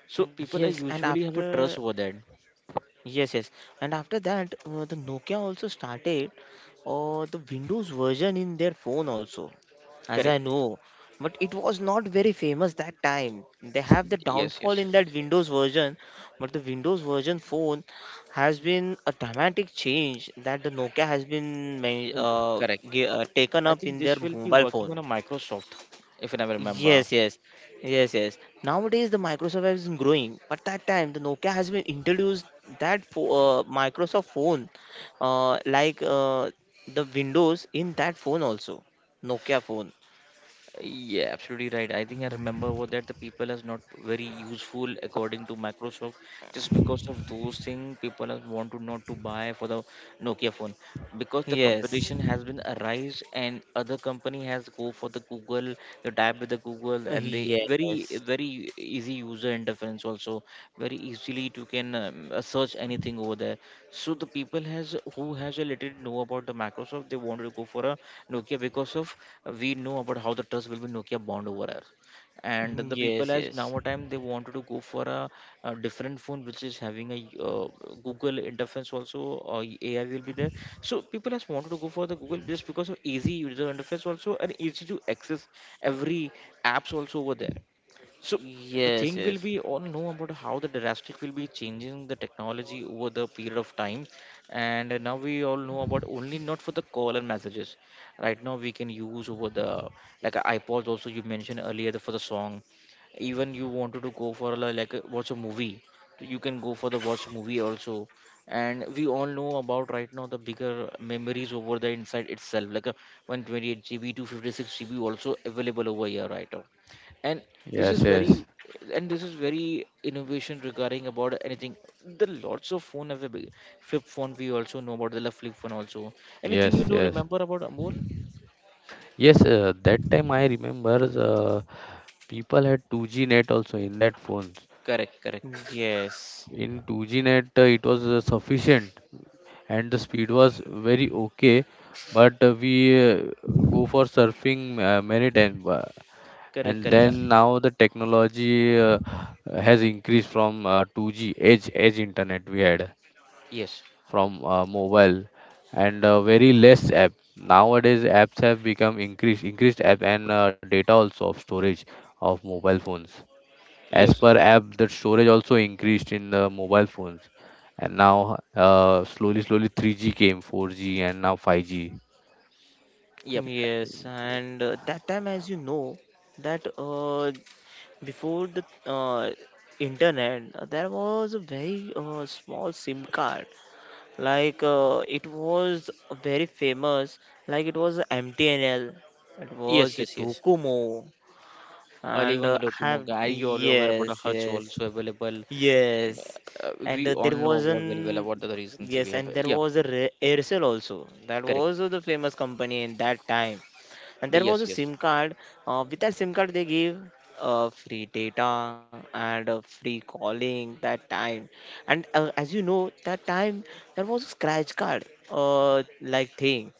so people yes. are And usually have a after trust over that. yes, yes. And after that, the Nokia also started the Windows version in their phone also. As I Correct. know, but it was not very famous that time. They have the Yes, downfall yes. in that Windows version, but the Windows version phone has been a dramatic change that the Nokia has been Correct, taken I up think in this their will be mobile working phone. on a Microsoft, if I remember. Yes, yes, yes, yes. Nowadays the Microsoft has been growing, but that time the Nokia has been introduced that Microsoft phone, uh, like uh, the Windows in that phone also, Nokia Yeah, absolutely right. I think I remember phone. what that the people is not very useful according to Microsoft. Just because of those things, people are want to not to buy for the Nokia phone because the Yes. competition has been arise and other company has go for the Google, the tab with the google and they very Yes. very easy user interference also very easily to can search anything over there so the people has who has a little know about the microsoft they wanted to go for a nokia because of we know about how the trust will be nokia bond over us and the people Yes, as yes. now a time they wanted to go for a different phone which is having a uh, google interface also or ai will be there so people has wanted to go for the Google just because of easy user interface also and easy to access every apps also over there. So the Yes, thing will yes. be all know about how the drastic will be changing the technology over the period of time, and now we all know about only not for the call and messages. Right now we can use over the like iPods also you mentioned earlier the, for the song. Even you wanted to go for like watch a movie, so you can go for the watch movie also. And we all know about right now the bigger memories over the inside itself, like a 128 GB, 256 GB also available over here right now. And this is Yes, yes, very and this is very innovation regarding about anything the lots of phone available flip phone we also know about the flip phone also yes, anything you do yes, remember about amol. yes. That time I remember, people had 2G net also in that phones. correct correct Yes. In 2G net, it was, sufficient, and the speed was very okay. But we, go for surfing, many times, correct and correct then now the technology, has increased from, 2G, edge internet we had. yes, From mobile, and very less app nowadays, apps have become increased, increased app and data also of storage of mobile phones. As yes. per app, the storage also increased in the mobile phones, and now, slowly slowly, 3G came, 4G, and now 5G. Yep. Yes. And that time, as you know, that before the internet, there was a very small SIM card. Like it was very famous. Like it was MTNL. It Yes, was yes, yes. Docomo. Early And when the I have locomoga are you all aware about the yes, hertz yes. also available. Mm, Yes, and we all there know was about very well an about the reasons we yes, have, and there yeah. was a Aircel also. That Correct. was the famous company in that time. And The, there was yes, a yes. SIM card. With that SIM card, they gave free data and free calling that time. And as you know, that time there was a scratch card, like thing.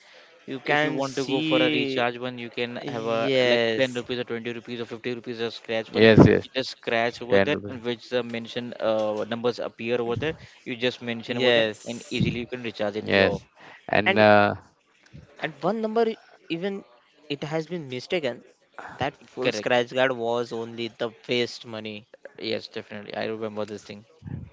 You If you can want to go for a see. recharge one you can have a like 10 Yes, rupees or 20 rupees or 50 rupees a scratch one, Yes, yes, you just scratch over 10 that and rupees, which the mention numbers appear over there, you just mention over that and yes. easily you can recharge in your. yes. and And And one number, even it has been mistaken that full Correct. scratch card was only the waste money. Yes, definitely, I remember this thing.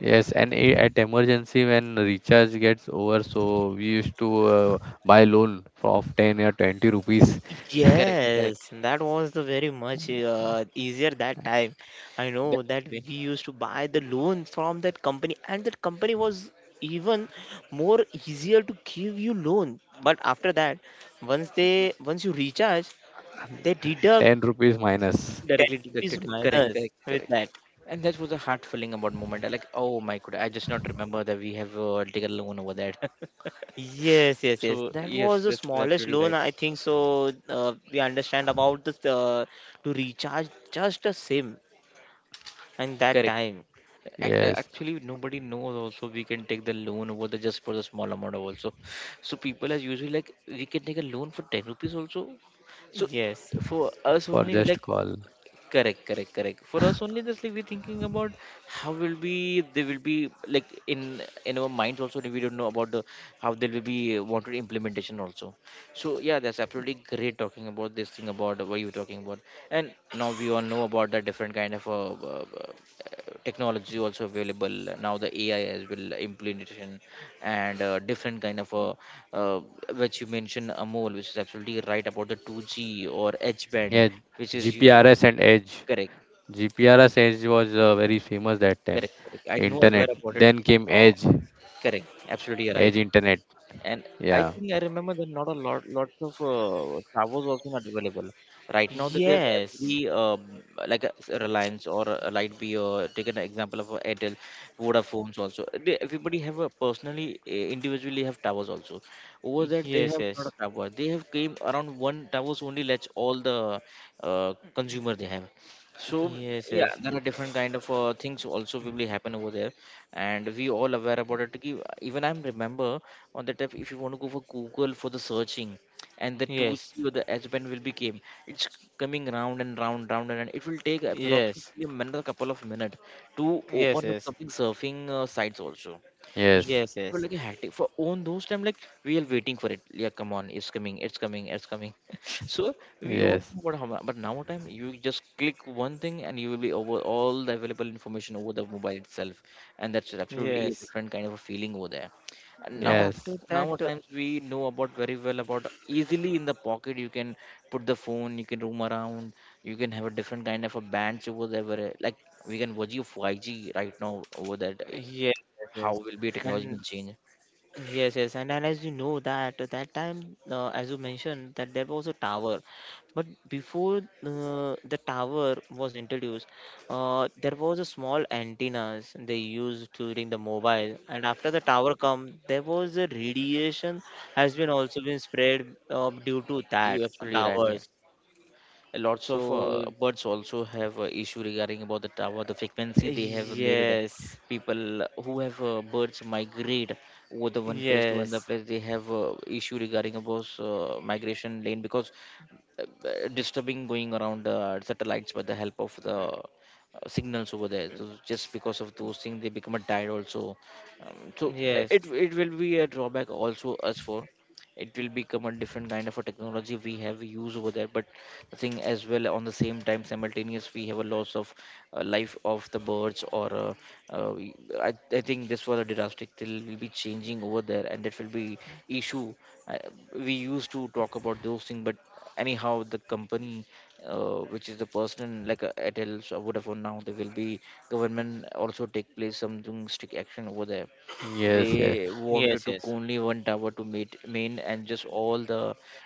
yes and I- At emergency when recharge gets over, so we used to, buy loan for of 10 or 20 rupees. Correct, correct. Yes, that was the very much easier that time. I know that Definitely. we used to buy the loan from that company, and that company was even more easier to give you loan. But after that, once you recharge, they deduct 10 rupees minus. ten Directly rupees deducted, correct, minus correct, with correct. that. And that was a heart feeling about moment I like, oh my god, I just not remember that we have taken a loan over that. Yes, yes, yes. So That yes, was the that's smallest absolutely loan, right. I think. So we understand about this to recharge just a SIM and that Correct. time. Yes, Actually nobody knows also we can take the loan over the just for the small amount of also, so people are usually like we can take a loan for 10 rupees also, so Yes, for us for only we just like, call. correct, correct, correct, for us only just like we're thinking about how will be they will be like in our minds also we don't know about the how they will be wanted implementation also, so yeah, that's absolutely great talking about this thing about what you're talking about, and now we all know about the different kind of technology also available now. The AI as well implementation and different kind of uh, which you mentioned Amol, which is absolutely right about the 2G or H band, Yeah, which is you, GPRS and Edge. correct, GPRS Edge was, very famous that time. correct, correct. I know Internet. aware about it. Then came Oh, Edge. correct, absolutely right. Edge Internet. And I Yeah. think I remember that not a lot lots of towers also not available. Right now, that we have every yes, like a Reliance or a Lightbee or take an example of a Airtel, Vodafone's also. They, everybody have a personally individually have towers also. Over that they yes, have not yes, a tower. They have came around one towers only. Let's all the consumer they have. So yeah, yes, there are different kind of things also will be happen over there, and we all aware about it. कि Even I am remember on that app if you want to go for google for the searching and the yes, 2G yes, or the s band will be came, it's coming round and round. It will take yes, approximately a minute, a couple of minutes to yes, open up yes, something surfing sites also, so Yes. yes, it was yes, like a hectic for on those time like we are waiting for it, yeah, come on, it's coming, it's coming, it's coming. So we all Yes. know about how but now time you just click one thing and you will be over all the available information over the mobile itself, and that's absolutely a yes. different kind of a feeling over there. And now And after Yes. that, nowadays we know about very well about easily in the pocket you can put the phone, you can roam around, you can have a different kind of a bands over there where, like, we can watch you 5G right now over that, eh, yes, yes, how yes. will be technology And will change. yes, yes, and as you know that at that time, as you mentioned, that there was a tower, but before the tower was introduced, there was a small antennas they used during the mobile, and after the tower come, there was a radiation has been also been spread due to that You absolutely right, yeah. towers. Lots of So birds also have issue regarding about the tower, the frequency they have made it, yes, people who have birds migrate over the one place to another yes, place, they have issue regarding about migration lane because uh, disturbing going around the satellites by the help of the signals over there, so just because of those things they become a died also. So yes, it will be a drawback also as for it will become a different kind of a technology we have use over there, but the thing as well on the same time simultaneous we have a loss of life of the birds or uh, y- I think this was a drastic thing will be changing over there and that will be issue, uh, we used to talk about those things, but anyhow the company which is the person like Airtel so Vodafone now there will be government also take place something strict action over there, Yes. Yes. they yes, wanted to yes, yes, only one tower to meet main and just all the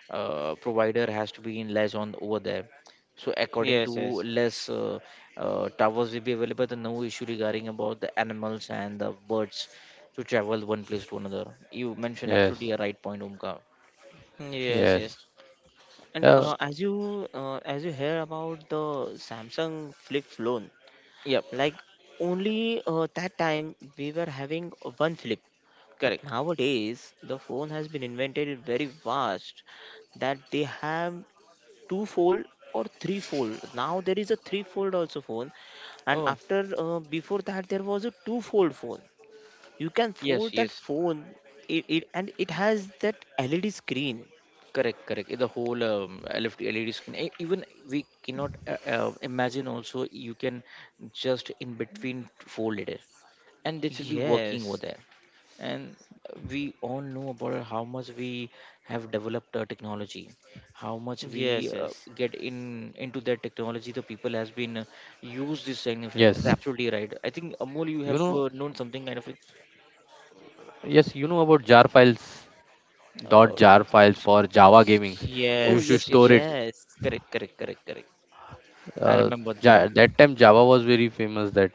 provider has to be in liaison over there, so according to yes, less towers will be available then no issue regarding about the animals and the birds to travel one place to another. You mentioned absolutely Yes. a right point, omkar. yes, yes. Yes. Yes. And Yeah. S- as you hear about the Samsung flip phone, yep. like only that time we were having one flip, but Correct. nowadays the phone has been invented very vast that they have two fold or three fold. Now there is a three fold also phone, and Oh. after before that there was a two fold phone. You can Yes, fold that yes, phone, it and it has that LED screen. correct, correct. The whole LFT LED screen. Even we cannot imagine. Also, you can just in between fold it, and this will be working over Yes, there. And we all know about how much we have developed our technology, how much we yes, yes. get in into that technology. The people has been used Yes. this significant. That's absolutely right. I You think know. Amol, you have known something kind of. Yes. You know about jar files. Dot Uh, jar files for Java gamings. You Yes, oh, should yes, store yes, it. yes. yes, Correct, correct, correct, correct. I Uh, remember the thing. that time Java was very famous. That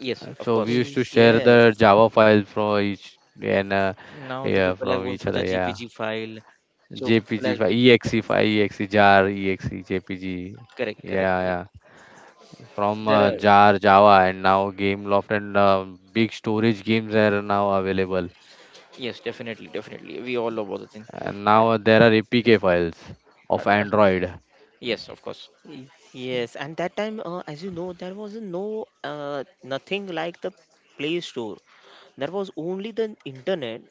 Yes, of So we course. used to share the yes, Java file from each and Now the yeah people are from going each for other. the Yeah, GPG file. So people JPG has been file, EXE jar, EXE JPG. correct, correct, Yeah, correct. yeah. From There are, jar Java, and now Gameloft, and big storage games are now available. yes, definitely, definitely. We all know about the thing. And Uh, now there are APK files uh, of uh, Android. yes, of course. yes. And that time, as you know, there was no nothing like the Play Store. There was only the internet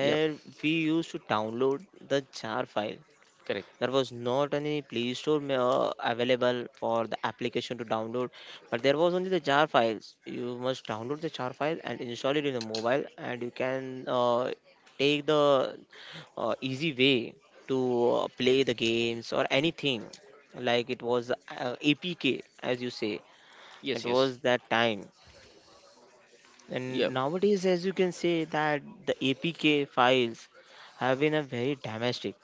Yep, we used to download the jar file. correct. There was not any Play Store available for the application to download, but there was only the jar files. You must download the jar file and install it in the mobile, and you can take the easy way to play the games or anything. Like it was APK, as you say, it Yes, yes. was that time. Yep, And nowadays, as you can say, that the APK files have been a very damaged. It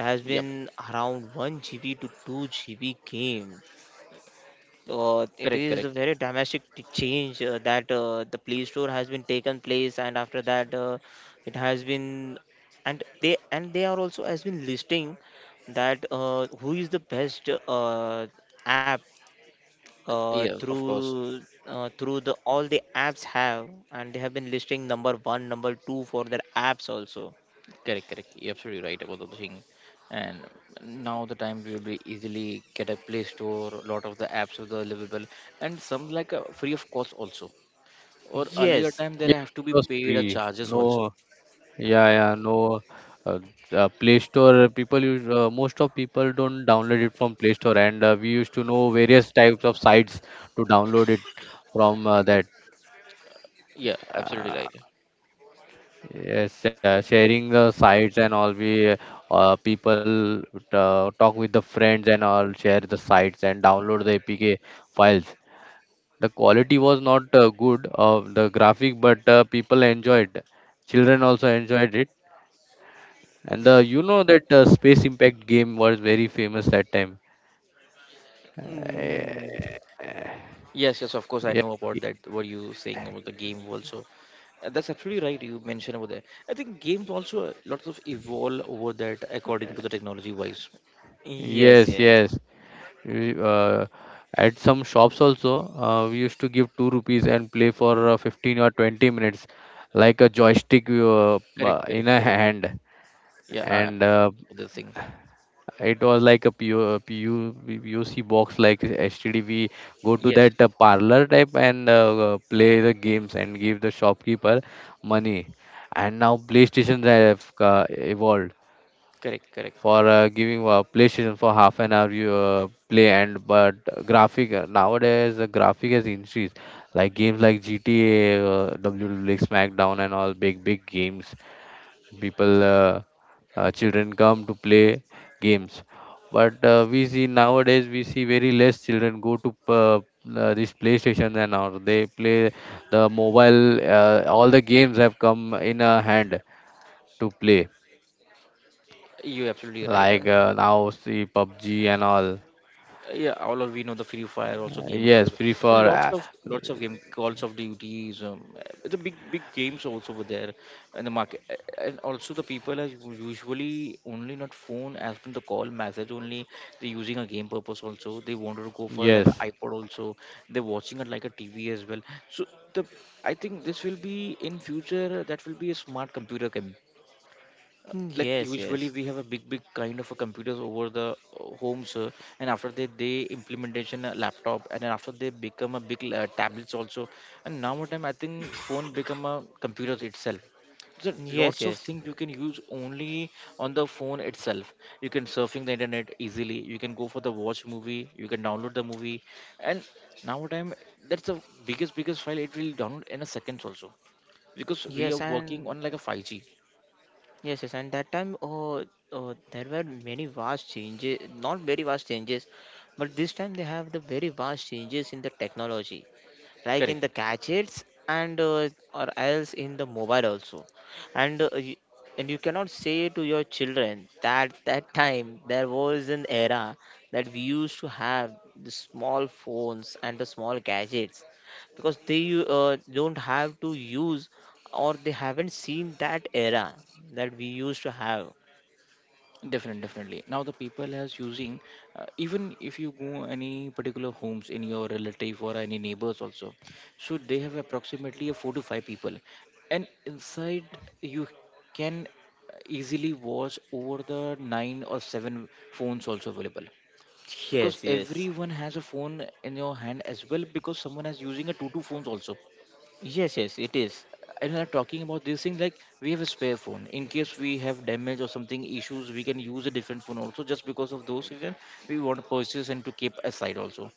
has yep. been around 1 GB to 2 GB game. It Correct, is a correct. very dramatic change that the Play Store has been taken place, and after that, it has been and they are also has been listing that who is the best app uh, Yeah, of course. through through the all the apps have and they have been listing number one number two for their apps also. Correct, correct. You're absolutely right about the thing. And now the time we will be easily get a Play Store. A lot of the apps are available, and some like free of cost also, or earlier Yes. time there Yeah, have to it be was paid a free. charges also. No. Yeah, yeah, no. Uh, Play Store, people use, most of people don't download it from Play Store, and we used to know various types of sites to download it from, that. Yeah, absolutely right. Yes, sharing the sites and all, we people, talk with the friends and all, share the sites and download the APK files. The quality was not, good of the graphic, but people enjoyed. Children also enjoyed it. And the, you know that, Space Impact game was very famous that time. Uh, Mm. Yes, yes, of course, I yeah. know about that what you saying about the game also. That's absolutely right you mentioned about that, I think games also lots of evolve over that according to the technology wise. Yes, Yes, yes. yes. We, uh, at some shops also, we used to give 2 rupees and play for, 15 or 20 minutes, like a joystick you, Correct, in correct, a correct. hand. Yeah, I And know the thing. it was like a PO, PU, PUC box like HTD. We go to Yes. that, parlor type, and play the games and give the shopkeeper money. And now PlayStation have, evolved Correct, correct. for, giving, PlayStation for half an hour you, play, and but graphic, nowadays the graphic has increased, like games like GTA, WWE, SmackDown and all big big games, people, Y- children come to play games. But we see nowadays we see very less children go to, this playstation and all. They play the mobile, all the games have come in a hand to play, you're absolutely right. Like, now see pubg and all. yeah, all of we know the free fire also games, so Yes, free for, lots of game calls of duties, the big games also were there in the market. And also the people are usually only not phone as per the call message only, they're using a game purpose also, they wanted to go for like an yes, ipod also, they're watching it like a tv as well, so the I think this will be in future that will be a smart computer game, Mm, like yes, usually yes, we have a big kind of a computers over the homes, and after that they implementation a laptop and then after they become a big tablets also, and now what time I think phone become a computers itself, so yes, lots of things you can use only on the phone itself, you can surfing the internet easily, you can go for the watch movie, you can download the movie, and now what time that's the biggest file it will download in a seconds also because we yes, are working and on like a 5G. yes, yes, and that time, oh, oh, there were many vast changes, not very vast changes, but this time they have the very vast changes in the technology, like in Correct. the gadgets and or else in the mobile also. And and you cannot say to your children that that time there was an era that we used to have the small phones and the small gadgets, because they don't have to use or they haven't seen that era that we used to have. Definitely, definitely. Now the people as using, even if you go any particular homes in your relative or any neighbors also, so they have approximately a four to five people, and inside you can easily watch over the nine or seven phones also available because Yes, yes, everyone has a phone in your hand as well because someone is using a two phones also yes, yes, it is. and are talking about this thing like we have a spare phone in case we have damage or something issues we can use a different phone also just because of those reason we want to purchase and to keep aside also.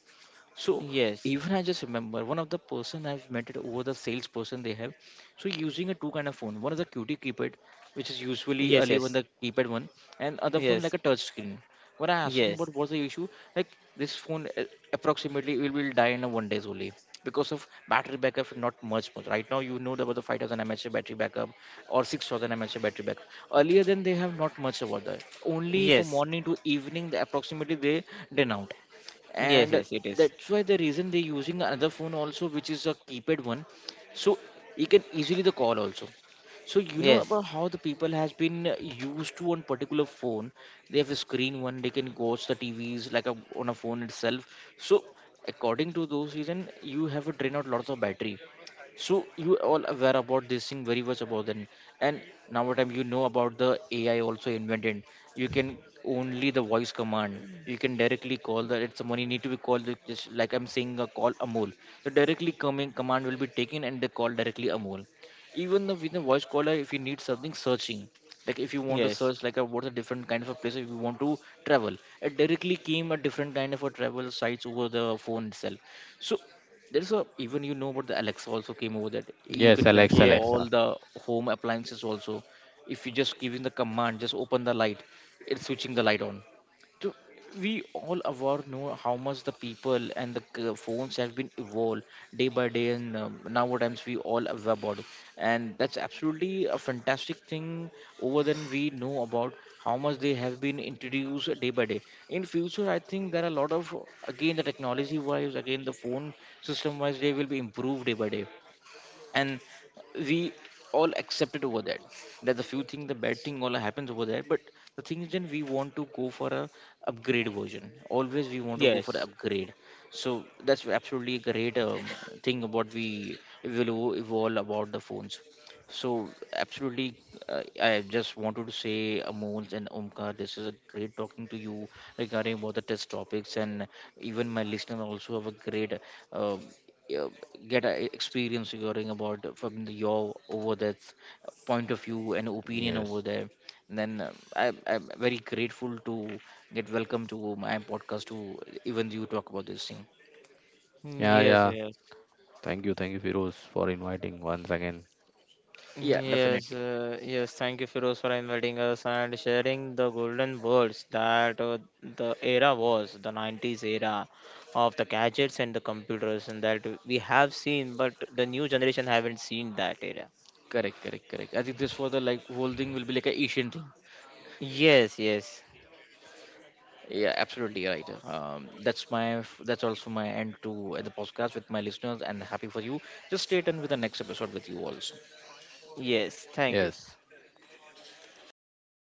So Yes, even I just remember one of the person I've met it over the salesperson they have. So using a two kind of phone. One is a QT keypad, which is usually earlier on yes, the keypad one, and other phone like yes, a yes, touch screen. When I asking yes, about what's the issue, like this phone approximately it will die in a 1 day only because of battery backup not much right now. You know about the 5000 mAh battery backup or 6000 mAh battery backup earlier, then they have not much about that, only for yes, morning to evening the approximately they done out. yes, And yes, it is. that's why the reason they're using another phone also, which is a keypad one, so you can easily the call also. So you know Yes. about how the people has been used to one particular phone, they have a screen one, they can watch the tvs like a, on a phone itself. So according to those reason you have to drain out lots of battery. So you all aware about this thing very much about then, and nowadays you know about the AI also invented. You can only the voice command. You can directly call the it's money need to be called like- just like I'm saying a call Amol. So directly coming command will be taken and they call directly Amol. Even the with the voice caller, if you need something searching, like if you want to Yes. search like a, what's a different kind of a place if you want to travel, it directly came a different kind of a travel sites over the phone itself. So there's a even you know about the alexa also came over that you yes, can alexa control Yeah. alexa all the home appliances also. If you just giving the command just open the light, it's switching the light on. So we all aware know how much the people and the phones have been evolved day by day, and nowadays we all aware about it. And that's absolutely a fantastic thing. Over than we know about how much they have been introduced day by day. In future I think there are a lot of, again the technology wise, again the phone system wise they will be improved day by day, and we all accepted over that, that the few thing the bad thing all happens over there, but the thing is then we want to go for a upgrade version. Always we want to go for the Yes. upgrade. So that's absolutely a great thing about we will evolve about the phones. So, absolutely, I just wanted to say, Amol and Omkar, this is a great talking to you regarding about the test topics, and even my listener also have a great uh, uh, get a experience regarding about from the, your over that point of view and opinion over Yes. there. And then I'm very grateful to get welcome to my podcast to even you talk about this thing. Mm. Yeah, Yes, yeah, yes. thank you Firoz for inviting once again. Yeah, Mm, yes, definitely. Yes. Thank you, Firoz, for inviting us and sharing the golden words that the era was, the 90s era of the gadgets and the computers, and that we have seen, but the new generation haven't seen that era. Correct, correct, correct. I think this for the like whole thing will be like a Asian thing. Yes, yes, Yeah, absolutely right. That's also my end to the podcast with my listeners, and happy for you. Just stay tuned with the next episode with you all. yes. Thank you. Yes.